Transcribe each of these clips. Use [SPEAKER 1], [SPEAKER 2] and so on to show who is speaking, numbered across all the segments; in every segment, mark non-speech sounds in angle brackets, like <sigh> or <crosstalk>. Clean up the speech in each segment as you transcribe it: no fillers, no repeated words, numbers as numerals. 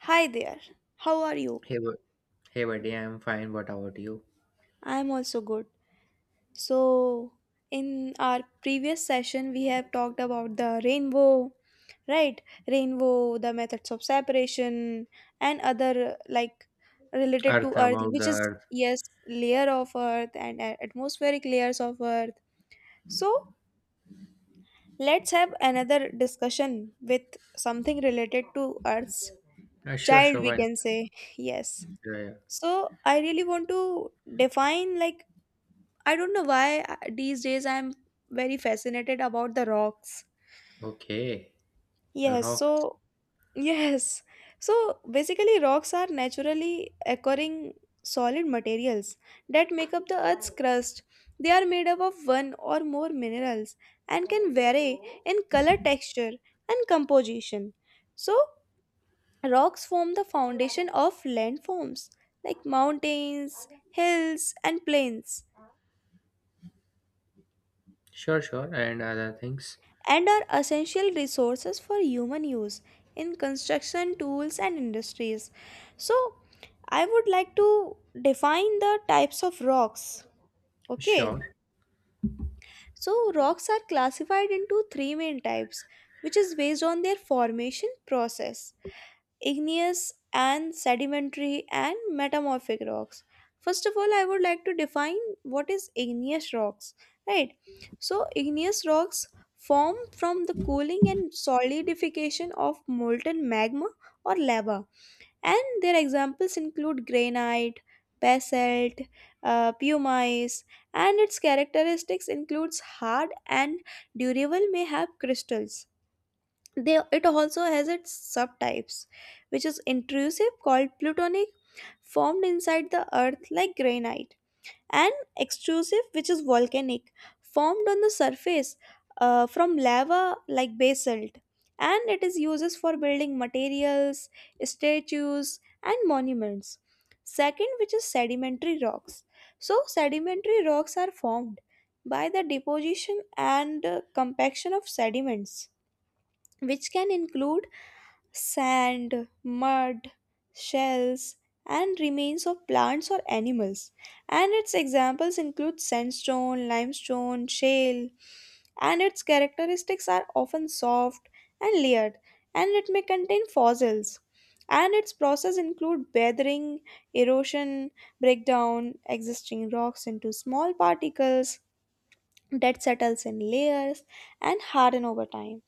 [SPEAKER 1] Hi there. How are you?
[SPEAKER 2] Hey, hey, buddy, I'm fine. What about you?
[SPEAKER 1] I'm also good. So, in our previous session, we have talked about the rainbow, right? Rainbow, the methods of separation, and other like related to
[SPEAKER 2] Earth,
[SPEAKER 1] Earth,
[SPEAKER 2] about the
[SPEAKER 1] which is
[SPEAKER 2] earth.
[SPEAKER 1] yes, layer of Earth and atmospheric layers of Earth. So, let's have another discussion with something related to Earth's
[SPEAKER 2] Uh, sure,
[SPEAKER 1] child,
[SPEAKER 2] sure,
[SPEAKER 1] we
[SPEAKER 2] fine.
[SPEAKER 1] can say. <laughs> Yes.
[SPEAKER 2] Yeah, yeah.
[SPEAKER 1] So, I really want to define like I don't know why these days I'm very fascinated about the rocks.
[SPEAKER 2] Okay,
[SPEAKER 1] Yes,
[SPEAKER 2] rocks.
[SPEAKER 1] so <laughs> yes. So basically rocks are naturally occurring solid materials that make up the earth's crust. They are made up of one or more minerals and can vary in color, texture and composition. So rocks form the foundation of landforms like mountains, hills and plains,
[SPEAKER 2] Sure, sure, and other things.
[SPEAKER 1] and are essential resources for human use in construction tools and industries. So I would like to define the types of rocks. Okay,
[SPEAKER 2] Sure.
[SPEAKER 1] so rocks are classified into three main types, which is based on their formation process: igneous and sedimentary and metamorphic rocks. First of all, I would like to define what is igneous rocks, right? So igneous rocks form from the cooling and solidification of molten magma or lava, and their examples include granite, basalt, pumice. And its characteristics includes hard and durable, may have crystals. They, it also has its subtypes, which is intrusive called plutonic, formed inside the earth like granite, and extrusive, which is volcanic, formed on the surface from lava like basalt. And it is used for building materials, statues, and monuments. Second, which is sedimentary rocks. So, sedimentary rocks are formed by the deposition and compaction of sediments, which can include sand, mud, shells, and remains of plants or animals. And its examples include sandstone, limestone, shale, and its characteristics are often soft and layered, and it may contain fossils. And its process include weathering, erosion, breakdown, existing rocks into small particles, that settles in layers and harden over time.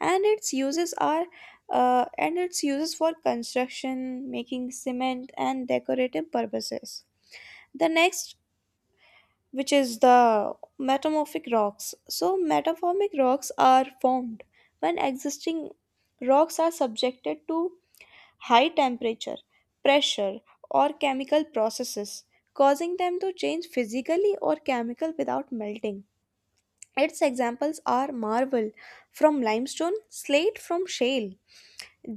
[SPEAKER 1] And its uses are and its uses for construction, making cement and decorative purposes. The next, which is the metamorphic rocks. So metamorphic rocks are formed when existing rocks are subjected to high temperature, pressure, or chemical processes, causing them to change physically or chemical without melting. Its examples are marble from limestone, slate from shale,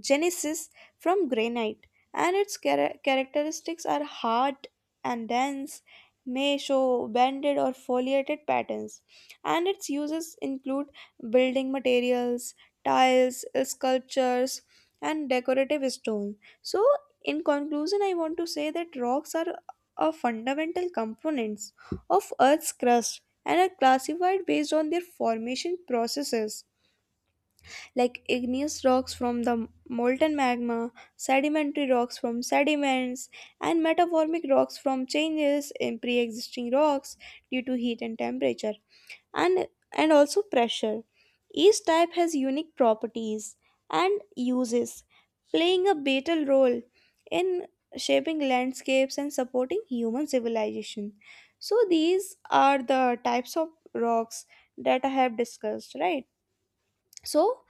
[SPEAKER 1] genesis from granite, and its characteristics are hard and dense, may show banded or foliated patterns, and its uses include building materials, tiles, sculptures, and decorative stone. So, in conclusion, I want to say that rocks are a fundamental components of Earth's crust and are classified based on their formation processes, like igneous rocks from the molten magma, sedimentary rocks from sediments, and metamorphic rocks from changes in pre existing rocks due to heat and temperature, and, and also pressure. Each type has unique properties and uses, playing a vital role in shaping landscapes and supporting human civilization. So, these are the types of rocks that I have discussed, right? So,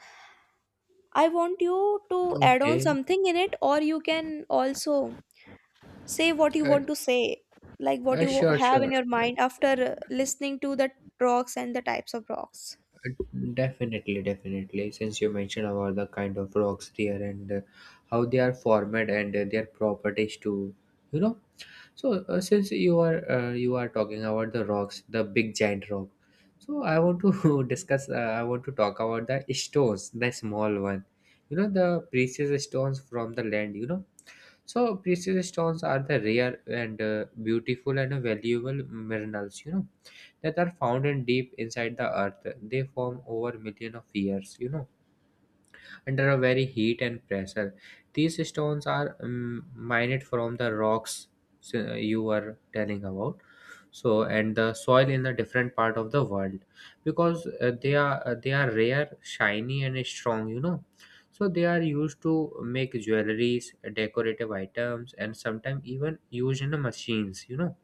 [SPEAKER 1] I want you to add on
[SPEAKER 2] Okay.
[SPEAKER 1] something in it, or you can also say what you
[SPEAKER 2] Uh,
[SPEAKER 1] want to say, like what you
[SPEAKER 2] sure,
[SPEAKER 1] have in
[SPEAKER 2] sure.
[SPEAKER 1] your mind after listening to the rocks and the types of rocks.
[SPEAKER 2] Uh, definitely. Since you mentioned about the kind of rocks there and how they are formed and their properties too, you know. So since you are talking about the rocks, the big giant rock. So I want to <laughs> discuss. I want to talk about the stones, the small one. You know, the precious stones from the land, you know. So precious stones are the rare and beautiful and valuable minerals, you know, that are found in deep inside the earth. They form over million of years, you know, under a very heat and pressure. These stones are mined from the rocks you were telling about. So, and the soil in the different part of the world, because they are rare, shiny and strong, you know, so they are used to make jewelries, decorative items, and sometimes even used in the machines, you know.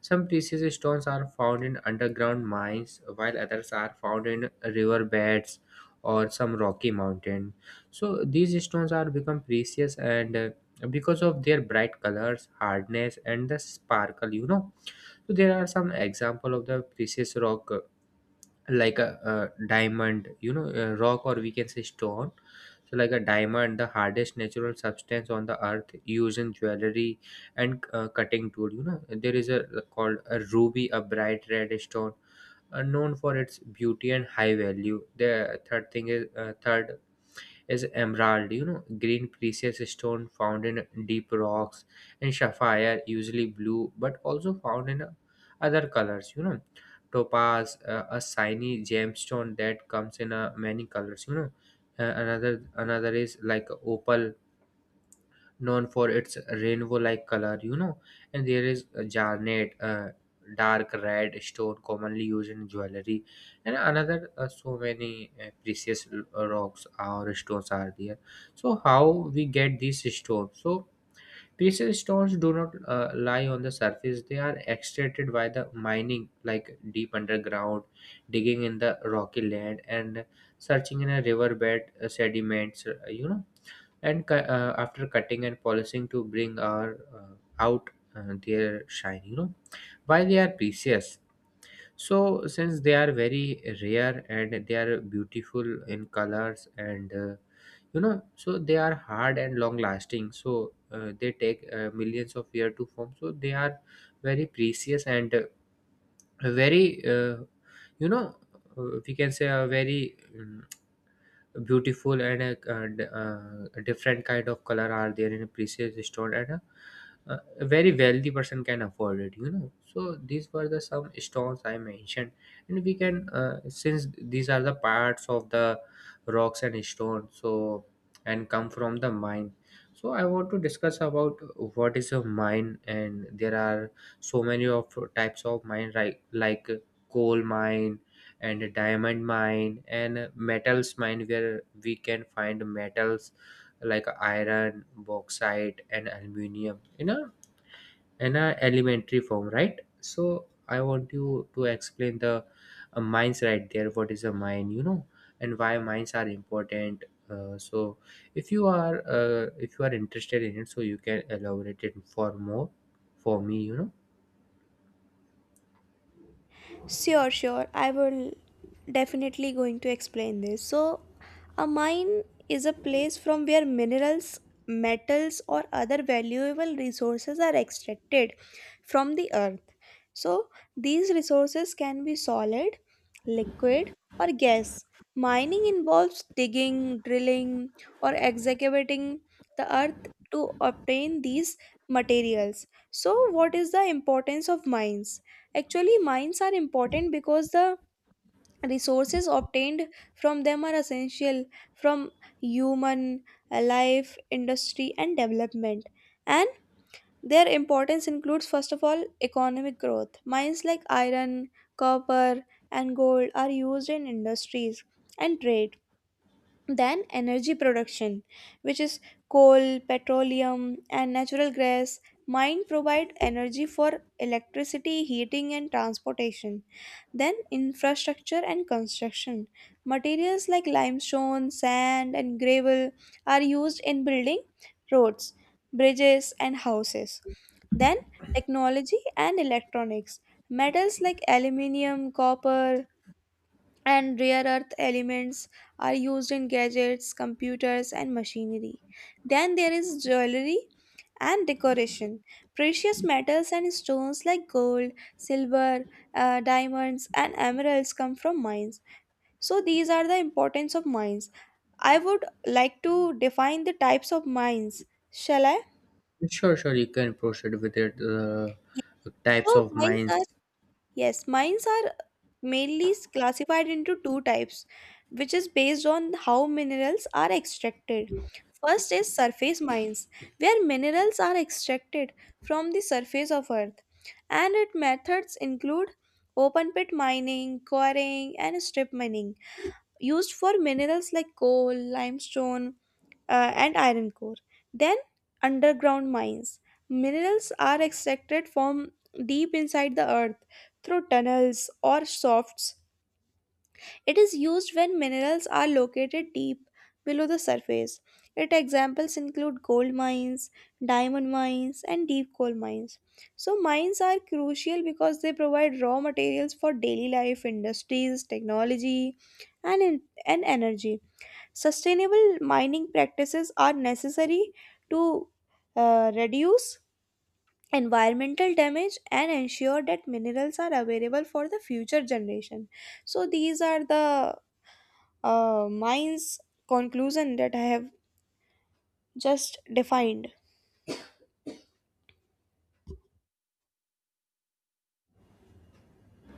[SPEAKER 2] Some precious stones are found in underground mines, while others are found in riverbeds or some rocky mountain. So these stones are become precious and because of their bright colors, hardness, and the sparkle, you know. So there are some example of the precious rock, like a diamond, you know, a rock, or we can say stone. So like a diamond, the hardest natural substance on the earth, used in jewelry and cutting tool, you know. There is a, called a ruby, a bright red stone, known for its beauty and high value. The third thing is third is emerald, you know, green precious stone found in deep rocks, and sapphire, usually blue, but also found in other colors, you know. Topaz, a shiny gemstone that comes in many colors, you know. Another is like opal, known for its rainbow-like color, you know. And there is a jarnet, a dark red stone commonly used in jewelry, and another so many precious rocks or stones are there. So how we get these stones? So precious stones do not lie on the surface; they are extracted by the mining, like deep underground, digging in the rocky land, and searching in a riverbed sediments, you know, and after cutting and polishing to bring our out their shine, you know. Why they are precious? So since they are very rare and they are beautiful in colors and so they are hard and long lasting, so they take millions of years to form, so they are very precious and very you know we can say a very beautiful and a different kind of color are there in a precious stone and a very wealthy person can afford it, you know. So these were the some stones I mentioned, and we can since these are the parts of the rocks and stones, so, and come from the mine. So I want to discuss about what is a mine, and there are so many of types of mine, right? Like coal mine, and a diamond mine, and metals mine, where we can find metals like iron, bauxite and aluminum in a, in a elementary form, right? So I want you to explain the mines, right there. What is a mine, you know, and why mines are important? So if you are interested in it, so you can elaborate it for more, for me, you know.
[SPEAKER 1] Sure, sure. I will definitely going to explain this. So, a mine is a place from where minerals, metals or other valuable resources are extracted from the earth. So, these resources can be solid, liquid or gas. Mining involves digging, drilling or excavating the earth to obtain these materials. So, what is the importance of mines? Actually, mines are important because the resources obtained from them are essential from human life, industry, and development. And their importance includes, first of all, economic growth. Mines like iron, copper, and gold are used in industries and trade. Then energy production, which is coal, petroleum, and natural gas, mine provide energy for electricity, heating, and transportation. Then infrastructure and construction. Materials like limestone, sand, and gravel are used in building roads, bridges, and houses. Then technology and electronics. Metals like aluminium, copper, and rare earth elements are used in gadgets, computers, and machinery. Then there is jewelry and decoration. Precious metals and stones like gold, silver, diamonds, and emeralds come from mines. So these are the importance of mines. I would like to define the types of mines. Shall I?
[SPEAKER 2] Sure, sure, you can proceed with it.
[SPEAKER 1] Yes.
[SPEAKER 2] Types
[SPEAKER 1] So
[SPEAKER 2] of
[SPEAKER 1] mines
[SPEAKER 2] mines.
[SPEAKER 1] are yes, mines are mainly is classified into two types, which is based on how minerals are extracted. First is surface mines, where minerals are extracted from the surface of earth, and its methods include open pit mining, quarrying, and strip mining, used for minerals like coal, limestone, and iron core. Then, underground mines. Minerals are extracted from deep inside the earth through tunnels or shafts. It is used when minerals are located deep below the surface. Its examples include gold mines, diamond mines, and deep coal mines. So, mines are crucial because they provide raw materials for daily life, industries, technology, and, and energy. Sustainable mining practices are necessary to reduce environmental damage and ensure that minerals are available for the future generation. So these are the mine's conclusion that I have just defined.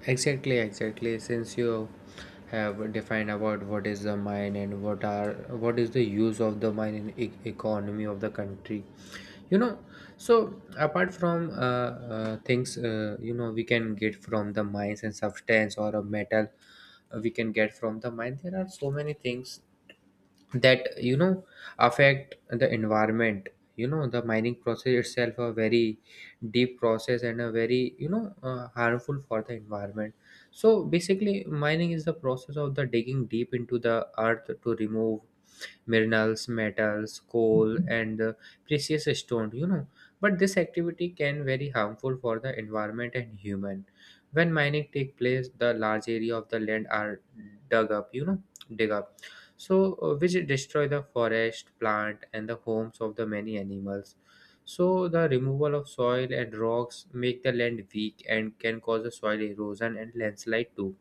[SPEAKER 2] Exactly, exactly. Since you have defined about what is the mine, and what is the use of the mine in economy of the country, you know. So apart from things, you know, we can get from the mines, and substance or a metal, we can get from the mine. There are so many things that, you know, affect the environment, you know. The mining process itself a very deep process and a very, you know, harmful for the environment. So basically mining is the process of the digging deep into the earth to remove minerals, metals, coal, and the precious stones, you know. But this activity can very harmful for the environment and human. When mining take place, the large area of the land are dug up, you know, dig up. So which destroy the forest, plant, and the homes of the many animals. So the removal of soil and rocks make the land weak and can cause the soil erosion and landslide too.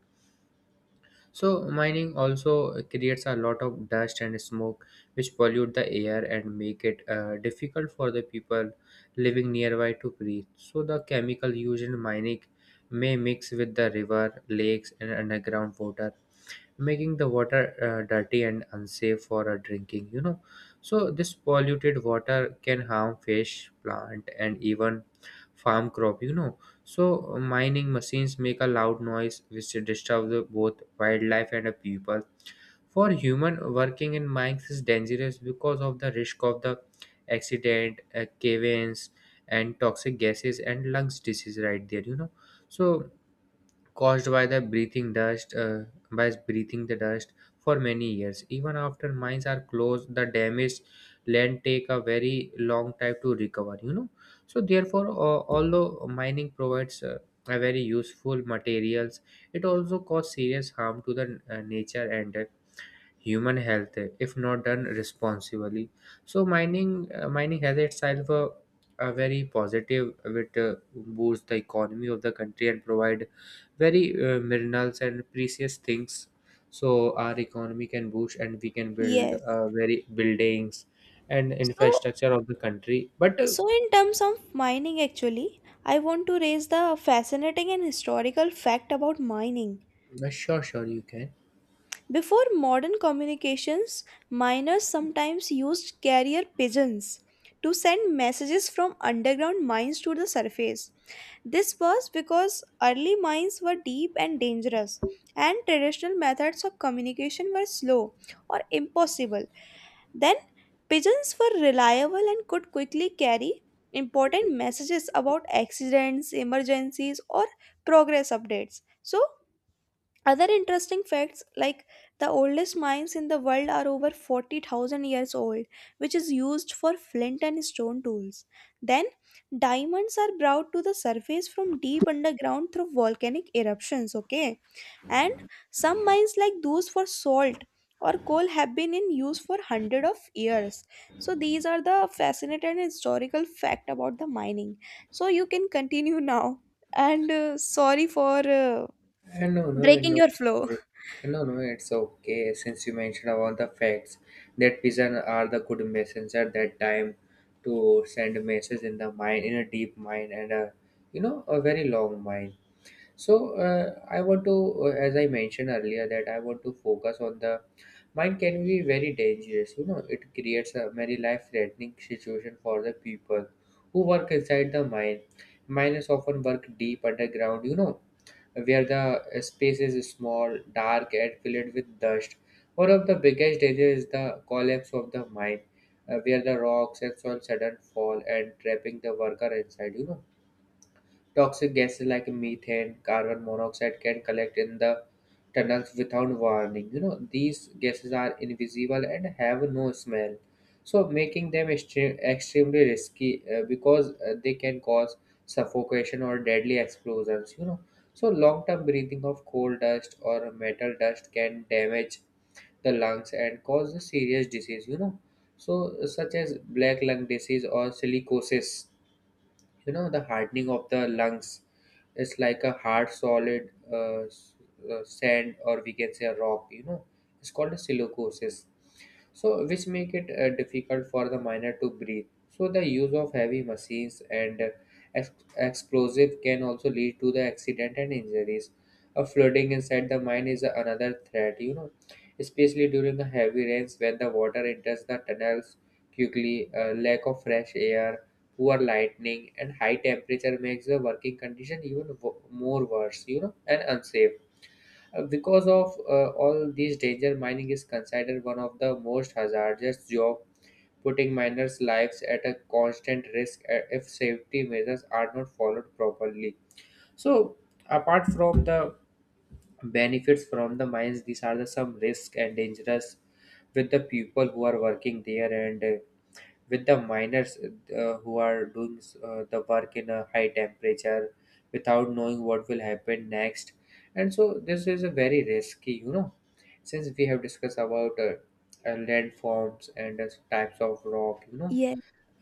[SPEAKER 2] So mining also creates a lot of dust and smoke, which pollute the air and make it difficult for the people living nearby to breathe. So the chemical used in mining may mix with the river, lakes, and underground water, making the water dirty and unsafe for drinking, you know. So this polluted water can harm fish, plant, and even farm crop, you know. So mining machines make a loud noise which disturbs the, both wildlife and the people. For human working in mines is dangerous because of the risk of the accident, cave-ins, and toxic gases and lungs disease right there, you know. So caused by the breathing dust, by breathing the dust for many years. Even after mines are closed, the damaged land take a very long time to recover, you know. So therefore, although mining provides a very useful materials, it also cause serious harm to the nature and human health if not done responsibly. So mining has itself a very positive which boosts the economy of the country and provide very minerals and precious things. So our economy can boost and we can build
[SPEAKER 1] Yes.
[SPEAKER 2] very buildings and
[SPEAKER 1] So,
[SPEAKER 2] infrastructure of the country, but
[SPEAKER 1] so in terms of mining, actually, I want to raise the fascinating and historical fact about mining.
[SPEAKER 2] sure, sure, you can.
[SPEAKER 1] Before modern communications, miners sometimes used carrier pigeons to send messages from underground mines to the surface. This was because early mines were deep and dangerous, and traditional methods of communication were slow or impossible. Then, pigeons were reliable and could quickly carry important messages about accidents, emergencies, or progress updates. So, other interesting facts like the oldest mines in the world are over 40,000 years old, which is used for flint and stone tools. Then, diamonds are brought to the surface from deep underground through volcanic eruptions, okay? And some mines like those for salt or coal have been in use for hundred of years. So these are the fascinating and historical fact about the mining. So you can continue now. And sorry for
[SPEAKER 2] No, no,
[SPEAKER 1] breaking
[SPEAKER 2] no,
[SPEAKER 1] your flow.
[SPEAKER 2] sorry. No, no, it's okay. Since you mentioned about the facts that pigeons are the good messenger that time to send a message in the mind, in a deep mind, and a, you know, a very long mind. So I want to, as I mentioned earlier, that I want to focus on the mind can be very dangerous. You know, it creates a very life-threatening situation for the people who work inside the mine. Miners often work deep underground, you know, where the space is small, dark, and filled with dust. One of the biggest dangers is the collapse of the mine, where the rocks and soil sudden fall and trapping the worker inside, you know. Toxic gases like methane, carbon monoxide can collect in the tunnels without warning, you know. These gases are invisible and have no smell, so, making them extremely risky, because they can cause suffocation or deadly explosions, you know. So long term breathing of coal dust or metal dust can damage the lungs and cause a serious disease, you know, so such as black lung disease or silicosis, you know, the hardening of the lungs. It's like a hard solid, sand, or we can say a rock, you know, it's called a silicosis, so which make it difficult for the miner to breathe. So the use of heavy machines and explosive can also lead to the accident and injuries. A flooding inside the mine is another threat, you know, especially during the heavy rains when the water enters the tunnels quickly. Lack of fresh air, poor lighting and high temperature makes the working condition even more worse, you know, and unsafe. Because of all these danger, mining is considered one of the most hazardous job, putting miners lives at a constant risk if safety measures are not followed properly. So apart from the benefits from the mines, these are the some risk and dangerous with the people who are working there, and with the miners who are doing the work in a high temperature without knowing what will happen next, and so this is a very risky, you know. Since we have discussed about landforms and types of rock, you know,
[SPEAKER 1] Yeah.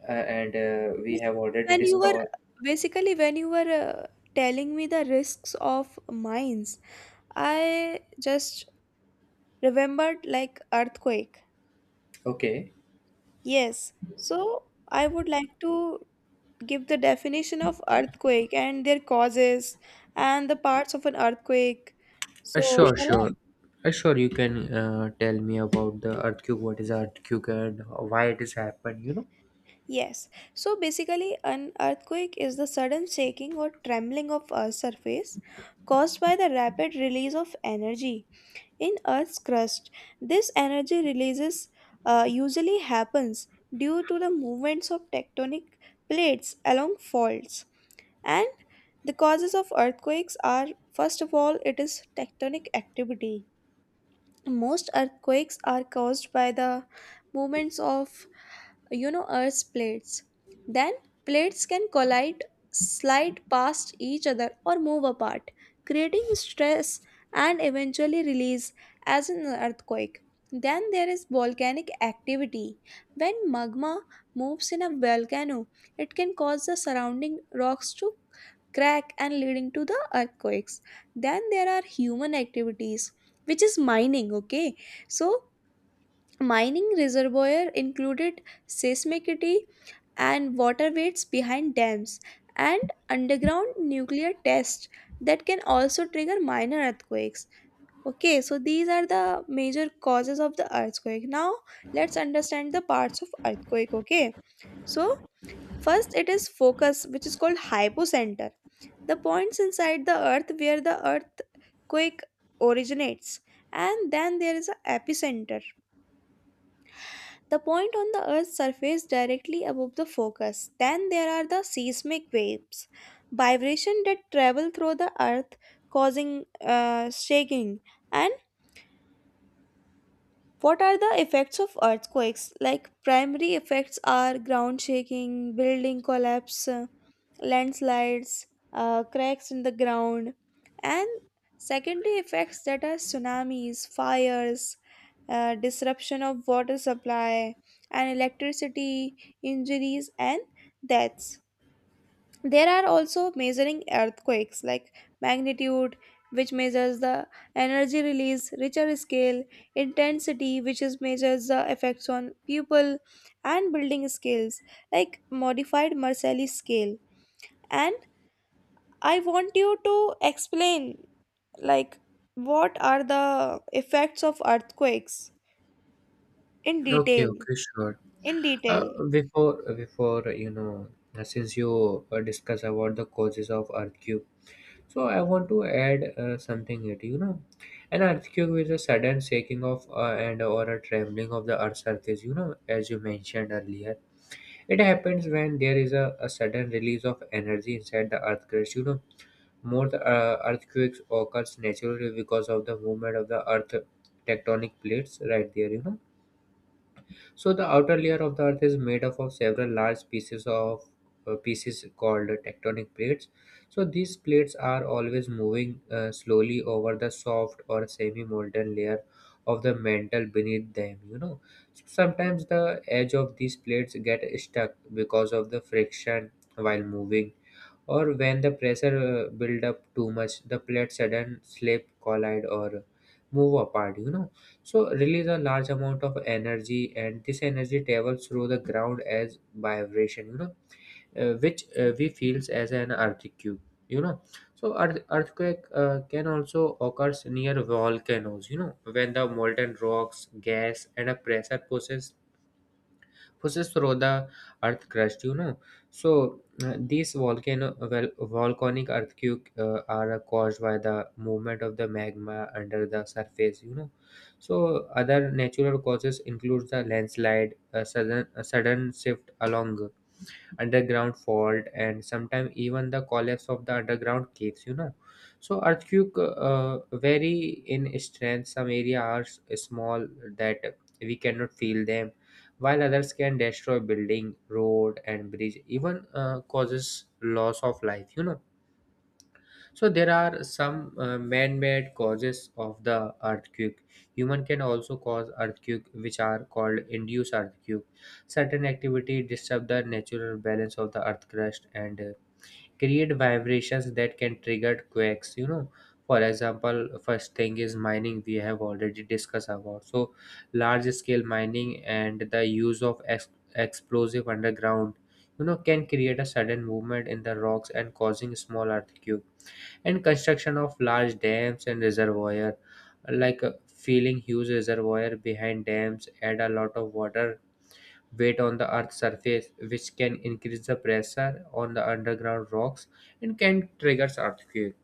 [SPEAKER 2] uh, and we have
[SPEAKER 1] Basically,
[SPEAKER 2] already
[SPEAKER 1] when you were
[SPEAKER 2] discovered.
[SPEAKER 1] basically, when you were telling me the risks of mines, I just remembered like earthquake.
[SPEAKER 2] Okay.
[SPEAKER 1] Yes. So I would like to give the definition of earthquake and their causes and the parts of an earthquake.
[SPEAKER 2] Uh,
[SPEAKER 1] So
[SPEAKER 2] sure,
[SPEAKER 1] shall I?
[SPEAKER 2] sure. Uh, sure, you can tell me about the earthquake. What is earthquake and why it has happened? You know.
[SPEAKER 1] Yes. So basically, an earthquake is the sudden shaking or trembling of a surface caused by the rapid release of energy in Earth's crust. This energy releases usually happens due to the movements of tectonic plates along faults. And the causes of earthquakes are, first of all, it is tectonic activity. Most earthquakes are caused by the movements of you know earth's plates. Then plates can collide, slide past each other or move apart, creating stress and eventually release as an earthquake. Then there is volcanic activity. When magma moves in a volcano, it can cause the surrounding rocks to crack and leading to the earthquakes. Then there are human activities, which is mining, okay? So mining reservoir included seismicity and water weights behind dams and underground nuclear tests that can also trigger minor earthquakes. Okay, so these are the major causes of the earthquake. Now let's understand the parts of earthquake. Okay, so first it is focus, which is called hypocenter, the points inside the earth where the earthquake originates. And then there is a epicenter, the point on the earth's surface directly above the focus. Then there are the seismic waves, vibration that travel through the earth causing shaking. And what are the effects of earthquakes? Like primary effects are ground shaking, building collapse, landslides, cracks in the ground, and secondary effects that are tsunamis, fires, disruption of water supply and electricity, injuries and deaths. There are also measuring earthquakes like magnitude, which measures the energy release, Richter scale, intensity, which is measures the effects on people, and building scales like modified Marcelli scale. And I want you to explain like what are the effects of earthquakes in
[SPEAKER 2] Okay,
[SPEAKER 1] detail.
[SPEAKER 2] okay, sure.
[SPEAKER 1] In
[SPEAKER 2] Uh,
[SPEAKER 1] detail.
[SPEAKER 2] before, you know, since you discuss about the causes of earthquake, so I want to add something it. An earthquake is a sudden shaking of and or a trembling of the earth's surface. As you mentioned earlier, it happens when there is a sudden release of energy inside the earth crust. Most earthquakes occurs naturally because of the movement of the earth tectonic plates right there. So the outer layer of the earth is made up of several large pieces of pieces called tectonic plates. So these plates are always moving slowly over the soft or semi-molten layer of the mantle beneath them. Sometimes the edge of these plates get stuck because of the friction while moving, or when the pressure build up too much, the plates sudden slip collide or move apart so release a large amount of energy, and this energy travels through the ground as vibration which we feels as an earthquake you know so earthquake can also occurs near volcanoes when the molten rocks gas and a pressure pushes through the earth crust so these volcano, well, volcanic earthquake are caused by the movement of the magma under the surface so other natural causes include the landslide, a sudden shift along underground fault, and sometimes even the collapse of the underground caves so earthquake vary in strength. Some areas are small that we cannot feel them, while others can destroy building road and bridge, even causes loss of life so there are some man-made causes of the earthquake. Human can also cause earthquake, which are called induced earthquake. Certain activity disturb the natural balance of the earth crust and create vibrations that can trigger quakes. For example, first thing is mining. We have already discussed about, so large-scale mining and the use of explosive underground, You know, can create a sudden movement in the rocks and causing small earthquake, and construction of large dams and reservoir, like filling huge reservoir behind dams add a lot of water weight on the earth's surface, which can increase the pressure on the underground rocks and can trigger earthquake.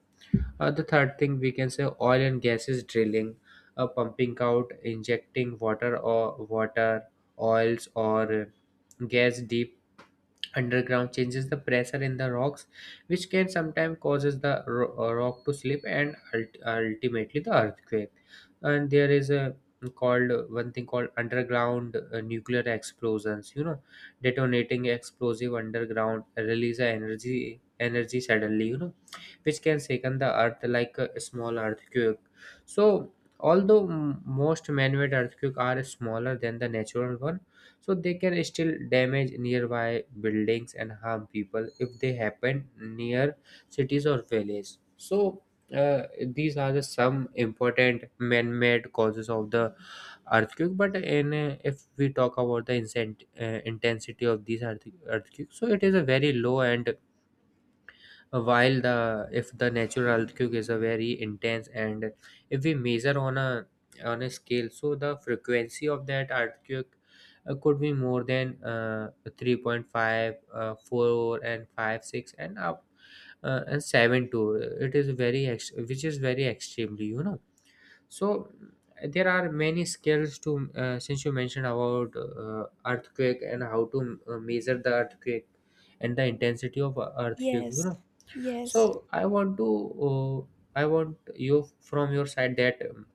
[SPEAKER 2] The third thing, we can say, oil and gases drilling, pumping out injecting water, or water oils, or gas deep underground changes the pressure in the rocks, which can sometimes causes the rock to slip and ultimately the earthquake. And there is a called one thing called underground nuclear explosions detonating explosive underground release a energy suddenly which can shaken the earth like a small earthquake. So, although most man-made earthquakes are smaller than the natural one, so they can still damage nearby buildings and harm people if they happen near cities or villages. So these are the some important man-made causes of the earthquake. But in, if we talk about the intensity of these earthquakes, so it is a very low. And while the, if the natural earthquake is a very intense. And if we measure on a scale, so the frequency of that earthquake could be more than 3.5, 4 and 5, 6 and up, and 7 too. It is very which is very extremely so there are many scales to since you mentioned about earthquake and how to measure the earthquake and the intensity of a earthquake
[SPEAKER 1] Yes. Yes.
[SPEAKER 2] so I want to I want you from your side that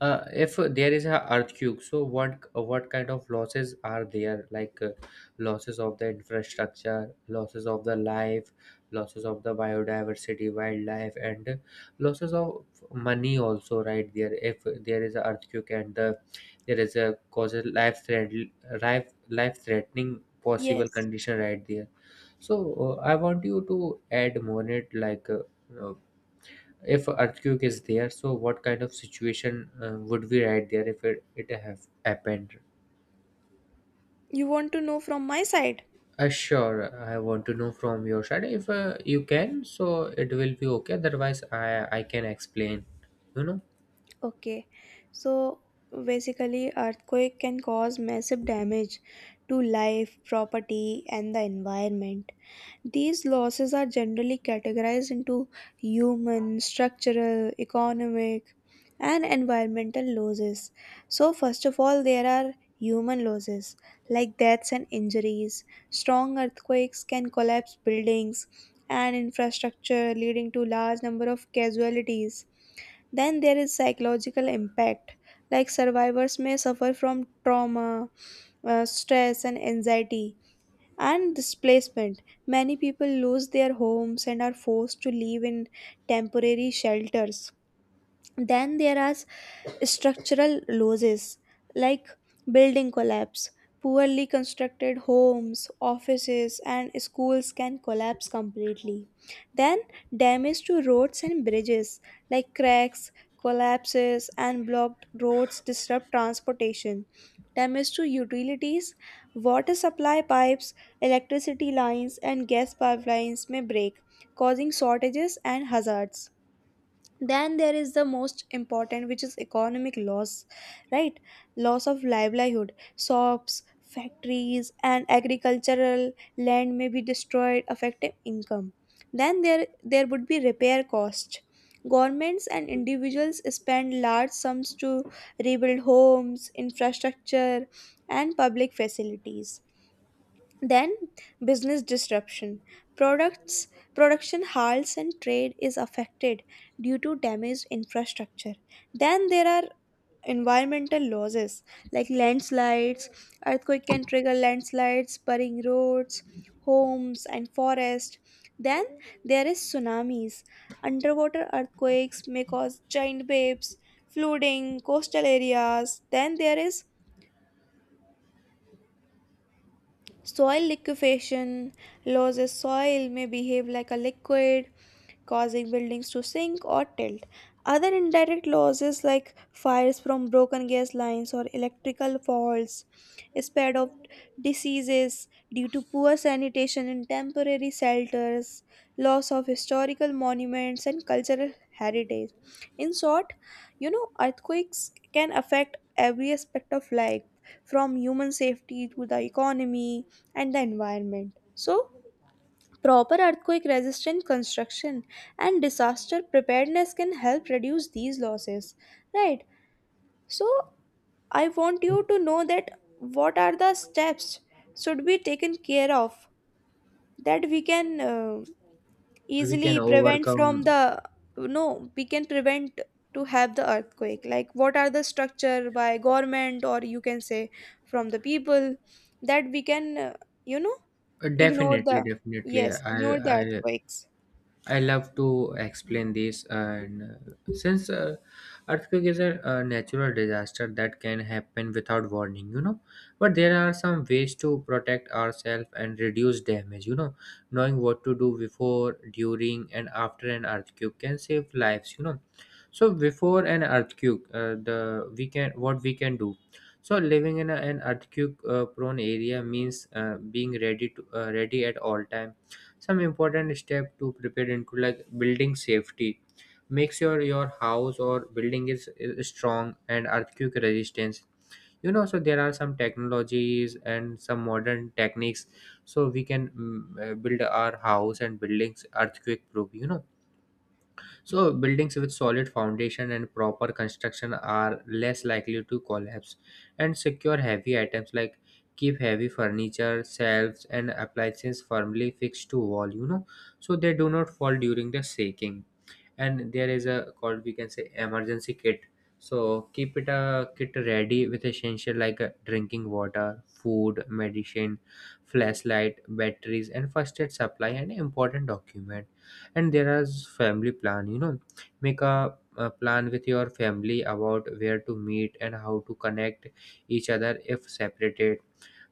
[SPEAKER 2] if there is a earthquake, so what kind of losses are there? Like losses of the infrastructure, losses of the life, losses of the biodiversity, wildlife, and losses of money also. Right there, if there is a earthquake and the, there is a causes life threat, life threatening possible
[SPEAKER 1] Yes.
[SPEAKER 2] condition right there. So I want you to add more in it like. Uh, if earthquake is there, so what kind of situation would be right there if it have happened.
[SPEAKER 1] You want to know from my side?
[SPEAKER 2] Sure, I want to know from your side if you can, so it will be okay, otherwise I can explain you know
[SPEAKER 1] Okay, so basically, earthquake can cause massive damage to life, property, and the environment. These losses are generally categorized into human, structural, economic, and environmental losses. So, first of all, there are human losses like deaths and injuries. Strong earthquakes can collapse buildings and infrastructure, leading to large number of casualties. Then there is psychological impact, like survivors may suffer from trauma, stress, and anxiety, and displacement. Many people lose their homes and are forced to live in temporary shelters. Then there are structural losses like building collapse. Poorly constructed homes, offices, and schools can collapse completely. Then, damage to roads and bridges like cracks, collapses, and blocked roads disrupt transportation. Damage to utilities, water supply pipes, electricity lines, and gas pipelines may break, causing shortages and hazards. Then there is the most important, which is economic loss, right? Loss of livelihood, shops, factories, and agricultural land may be destroyed, affecting income. Then there would be repair cost. Governments and individuals spend large sums to rebuild homes, infrastructure, and public facilities. Then business disruption. Products production halts and trade is affected due to damaged infrastructure. Then there are environmental losses like landslides. Earthquake can trigger landslides, burying roads, homes and forest. Then there is tsunamis. Underwater earthquakes may cause giant waves, flooding coastal areas. Then there is soil liquefaction. Loses soil may behave like a liquid, causing buildings to sink or tilt. Other indirect losses like fires from broken gas lines or electrical faults, spread of diseases due to poor sanitation in temporary shelters, loss of historical monuments and cultural heritage. In short, earthquakes can affect every aspect of life from human safety to the economy and the environment. So, proper earthquake resistant construction and disaster preparedness can help reduce these losses, right? So, I want you to know that what are the steps should be taken care of that we can
[SPEAKER 2] we can
[SPEAKER 1] easily prevent from
[SPEAKER 2] overcome.
[SPEAKER 1] the. No, we can prevent to have the earthquake, like what are the structure by government, or you can say, from the people that we can you know ignore the,
[SPEAKER 2] Definitely
[SPEAKER 1] yes, ignore the
[SPEAKER 2] i
[SPEAKER 1] earthquakes.
[SPEAKER 2] I love to explain this. And since earthquake is a natural disaster that can happen without warning, but there are some ways to protect ourselves and reduce damage. Knowing what to do before, during, and after an earthquake can save lives. So before an earthquake the we can what we can do. So living in a, an earthquake prone area means being ready to ready at all time. Some important step to prepare include like building safety. Make sure your house or building is strong and earthquake resistance so there are some technologies and some modern techniques, so we can build our house and buildings earthquake proof so buildings with solid foundation and proper construction are less likely to collapse, and secure heavy items like keep heavy furniture, shelves and appliances firmly fixed to wall, so they do not fall during the shaking. And there is a called, we can say, emergency kit. So keep it a kit ready with essential like drinking water, food, medicine, flashlight, batteries, and first aid supply, and important document. And there is family plan make a plan with your family about where to meet and how to connect each other if separated.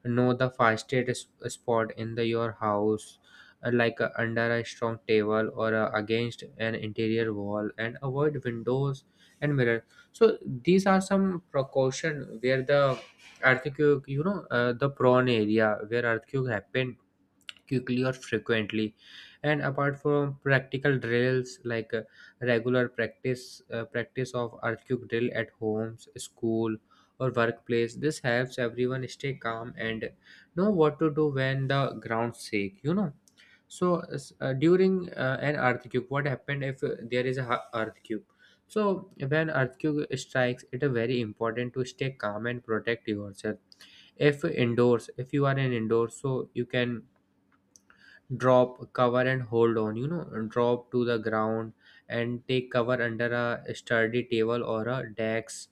[SPEAKER 2] Know the fastest spot in the your house, like under a strong table, or against an interior wall, and avoid windows and mirror. So these are some precaution where the earthquake, the prone area where earthquake happened quickly or frequently. And apart from practical drills, like regular practice, practice of earthquake drill at homes, school or workplace. This helps everyone stay calm and know what to do when the ground shake so during an earthquake, what happened if there is a earthquake? So when earthquake strikes, it is very important to stay calm and protect yourself. If indoors, if you are in indoors, so you can drop, cover, and hold on drop to the ground and take cover under a sturdy table or a desk,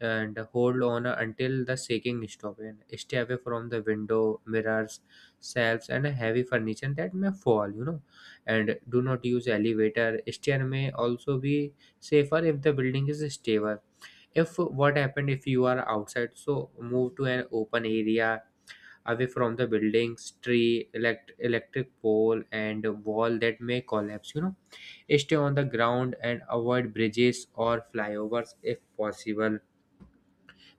[SPEAKER 2] and hold on until the shaking stop, and stay away from the window, mirrors, shelves, and heavy furniture that may fall and do not use elevator. Stair may also be safer if the building is stable. If, what happened if you are outside, so move to an open area away from the buildings, tree, electric pole, and wall that may collapse. Stay on the ground and avoid bridges or flyovers if possible,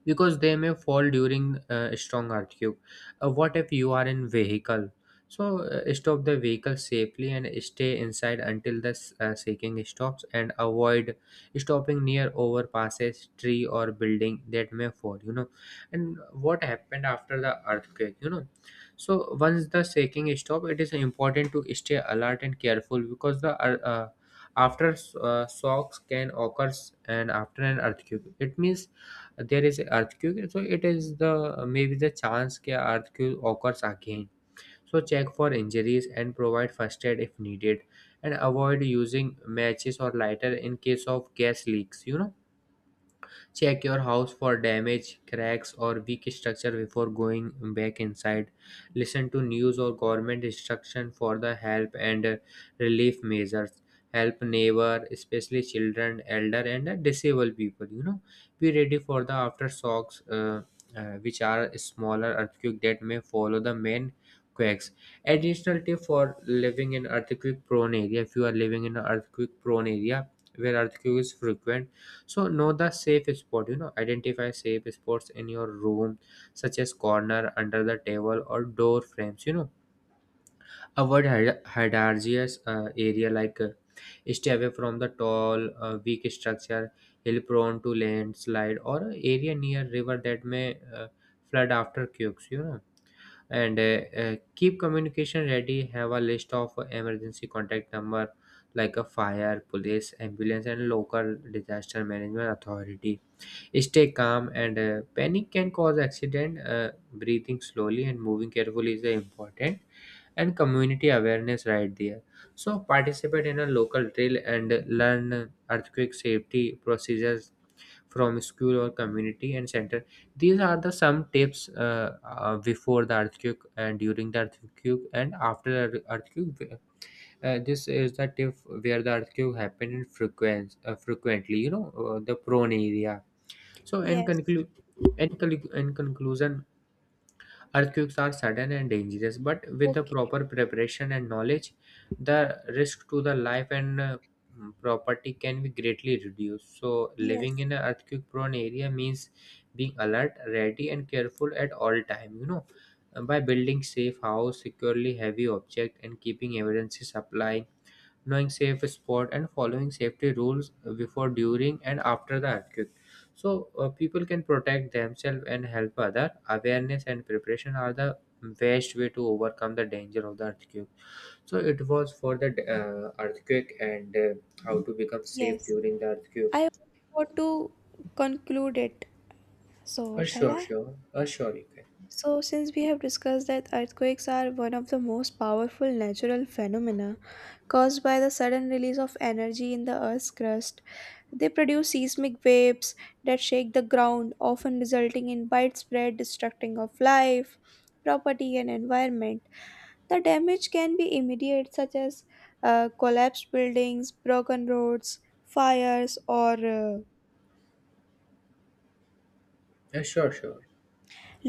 [SPEAKER 2] because they may fall during a strong earthquake. What if you are in vehicle? So stop the vehicle safely and stay inside until the shaking stops, and avoid stopping near overpasses, tree, or building that may fall. And what happened after the earthquake? So once the shaking stop, it is important to stay alert and careful because the after shocks can occur. And after an earthquake, it means there is an earthquake, so it is the maybe the chance that earthquake occurs again. So check for injuries and provide first aid if needed, and avoid using matches or lighter in case of gas leaks Check your house for damage, cracks, or weak structure before going back inside. Listen to news or government instruction for the help and relief measures. Help neighbor, especially children, elder, and disabled people. Be ready for the aftershocks, which are smaller earthquake that may follow the main quakes. Additional tip for living in earthquake prone area: if you are living in an earthquake prone area where earthquake is frequent, so know the safe spot, identify safe spots in your room, such as corner, under the table, or door frames. Avoid hazardous area, like stay away from the tall, weak structure, hill prone to landslide, or a area near river that may flood after quakes. And keep communication ready, have a list of emergency contact number like a fire, police, ambulance, and local disaster management authority. Stay calm, and panic can cause accident. Breathing slowly and moving carefully is the important. And community awareness right there. So participate in a local drill and learn earthquake safety procedures from school or community and center. These are the some tips, before the earthquake and during the earthquake and after the earthquake. This is the tip where the earthquake happened in frequent, frequently, the prone area. So, in,
[SPEAKER 1] Yes.
[SPEAKER 2] in, in conclusion, earthquakes are sudden and dangerous, but with the
[SPEAKER 1] Okay.
[SPEAKER 2] proper preparation and knowledge, the risk to the life and property can be greatly reduced. So, living
[SPEAKER 1] Yes.
[SPEAKER 2] in an earthquake prone area means being alert, ready, and careful at all time. By building safe house, securely heavy object, and keeping emergency supply, knowing safe spot and following safety rules before, during, and after the earthquake, so people can protect themselves and help other. Awareness and preparation are the best way to overcome the danger of the earthquake. So it was for the earthquake and how to become safe
[SPEAKER 1] Yes.
[SPEAKER 2] during the earthquake.
[SPEAKER 1] I want to conclude it. So, shall
[SPEAKER 2] Sure,
[SPEAKER 1] I?
[SPEAKER 2] sure. Sure, you can.
[SPEAKER 1] So, since we have discussed that earthquakes are one of the most powerful natural phenomena caused by the sudden release of energy in the Earth's crust, they produce seismic waves that shake the ground, often resulting in widespread destructing of life, property, and environment. The damage can be immediate, such as collapsed buildings, broken roads, fires, or
[SPEAKER 2] Sure, sure.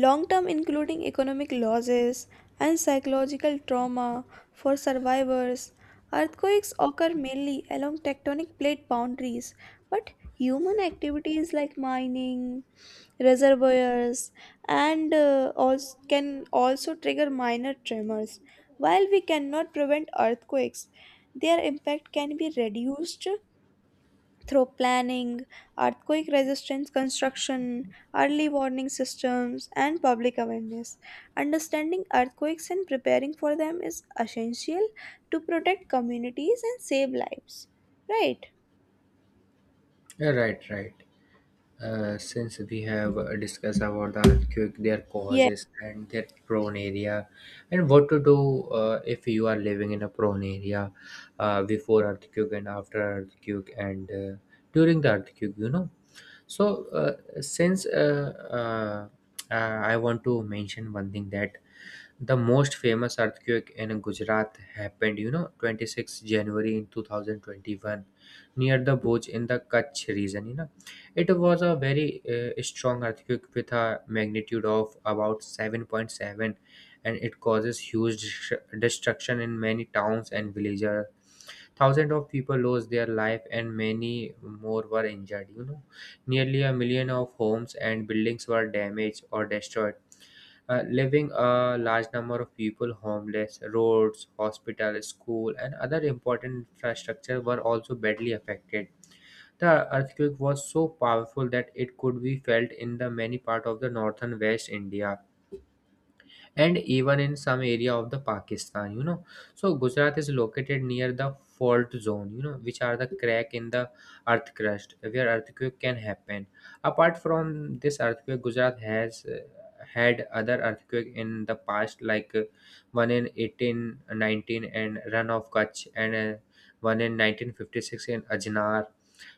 [SPEAKER 1] long term, including economic losses and psychological trauma for survivors. Earthquakes occur mainly along tectonic plate boundaries, but human activities like mining, reservoirs, and also can also trigger minor tremors. While we cannot prevent earthquakes, their impact can be reduced through planning, earthquake resistance construction, early warning systems, and public awareness. Understanding earthquakes and preparing for them is essential to protect communities and save lives. Right?
[SPEAKER 2] Yeah, right, right. Since we have discussed about the earthquake, their
[SPEAKER 1] Yes,
[SPEAKER 2] causes and their prone area, and what to do if you are living in a prone area, before earthquake and after earthquake, and during the earthquake, So since uh, uh, I want to mention one thing, that the most famous earthquake in Gujarat happened, 26 January in 2021, near the Bhuj in the Kutch region it was a very strong earthquake with a magnitude of about 7.7, and it causes huge destruction in many towns and villages. Thousands of people lost their life and many more were injured. Nearly a million of homes and buildings were damaged or destroyed. Leaving a large number of people homeless, roads, hospital, school, and other important infrastructure were also badly affected. The earthquake was so powerful that it could be felt in the many part of the northern West India and even in some area of the Pakistan. So Gujarat is located near the fault zone, which are the crack in the earth crust where earthquake can happen. Apart from this earthquake, Gujarat has had other earthquake in the past, like one in 1819 and run of Kutch, and one in 1956 in Ajnar,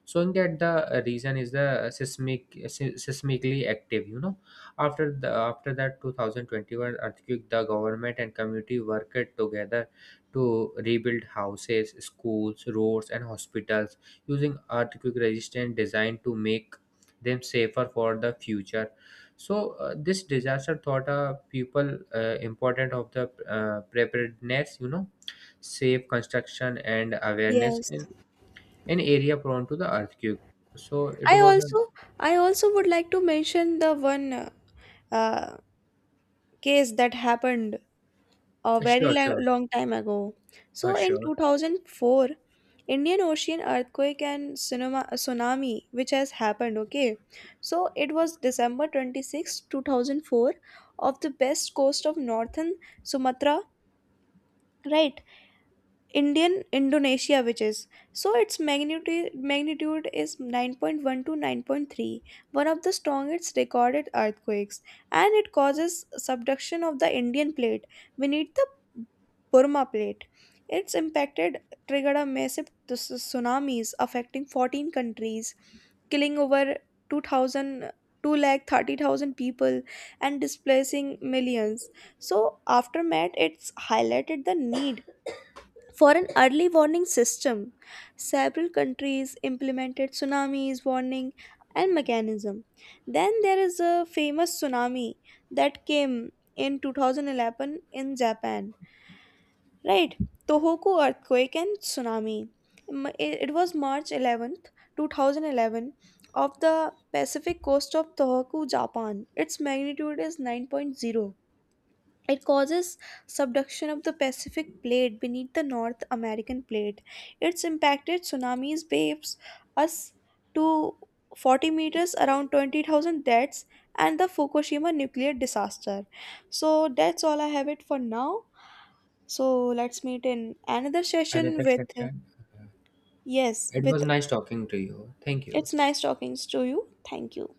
[SPEAKER 2] showing that the region is the seismically active after the after that 2021 earthquake, the government and community worked together to rebuild houses, schools, roads, and hospitals using earthquake resistant design to make them safer for the future. So this disaster taught people important of the preparedness safe construction, and awareness.
[SPEAKER 1] yes.
[SPEAKER 2] And an area prone to the earthquake. So it
[SPEAKER 1] I
[SPEAKER 2] was
[SPEAKER 1] also I also would like to mention the one uh, case that happened a
[SPEAKER 2] a
[SPEAKER 1] very
[SPEAKER 2] sure, sure,
[SPEAKER 1] long time ago. So in
[SPEAKER 2] sure.
[SPEAKER 1] 2004, Indian Ocean earthquake and tsunami, which has happened, okay? So it was December 26, 2004 of the best coast of northern Sumatra, right? Indian Indonesia, which is so its magnitude is 9.1 to 9.3, one of the strongest recorded earthquakes, and it causes subduction of the Indian plate beneath the Burma plate. Its impacted triggered a massive tsunamis affecting 14 countries, killing over 2,002 lakh 30,000 people and displacing millions. So, aftermath, it's highlighted the need for an early warning system. Several countries implemented tsunamis warning and mechanism. Then there is a famous tsunami that came in 2011 in Japan, right? Tohoku earthquake and tsunami. It was March 11th, 2011 of the Pacific coast of Tohoku, Japan. Its magnitude is nine point zero. It causes subduction of the Pacific plate beneath the North American plate. It's impacted tsunamis waves us to 40 meters, around 20,000 deaths and the Fukushima nuclear disaster. So that's all I have it for now. So let's meet in another session
[SPEAKER 2] Another
[SPEAKER 1] with,
[SPEAKER 2] section.
[SPEAKER 1] yes,
[SPEAKER 2] It was
[SPEAKER 1] with,
[SPEAKER 2] nice talking to you. Thank you.
[SPEAKER 1] it's nice talking to you. Thank you.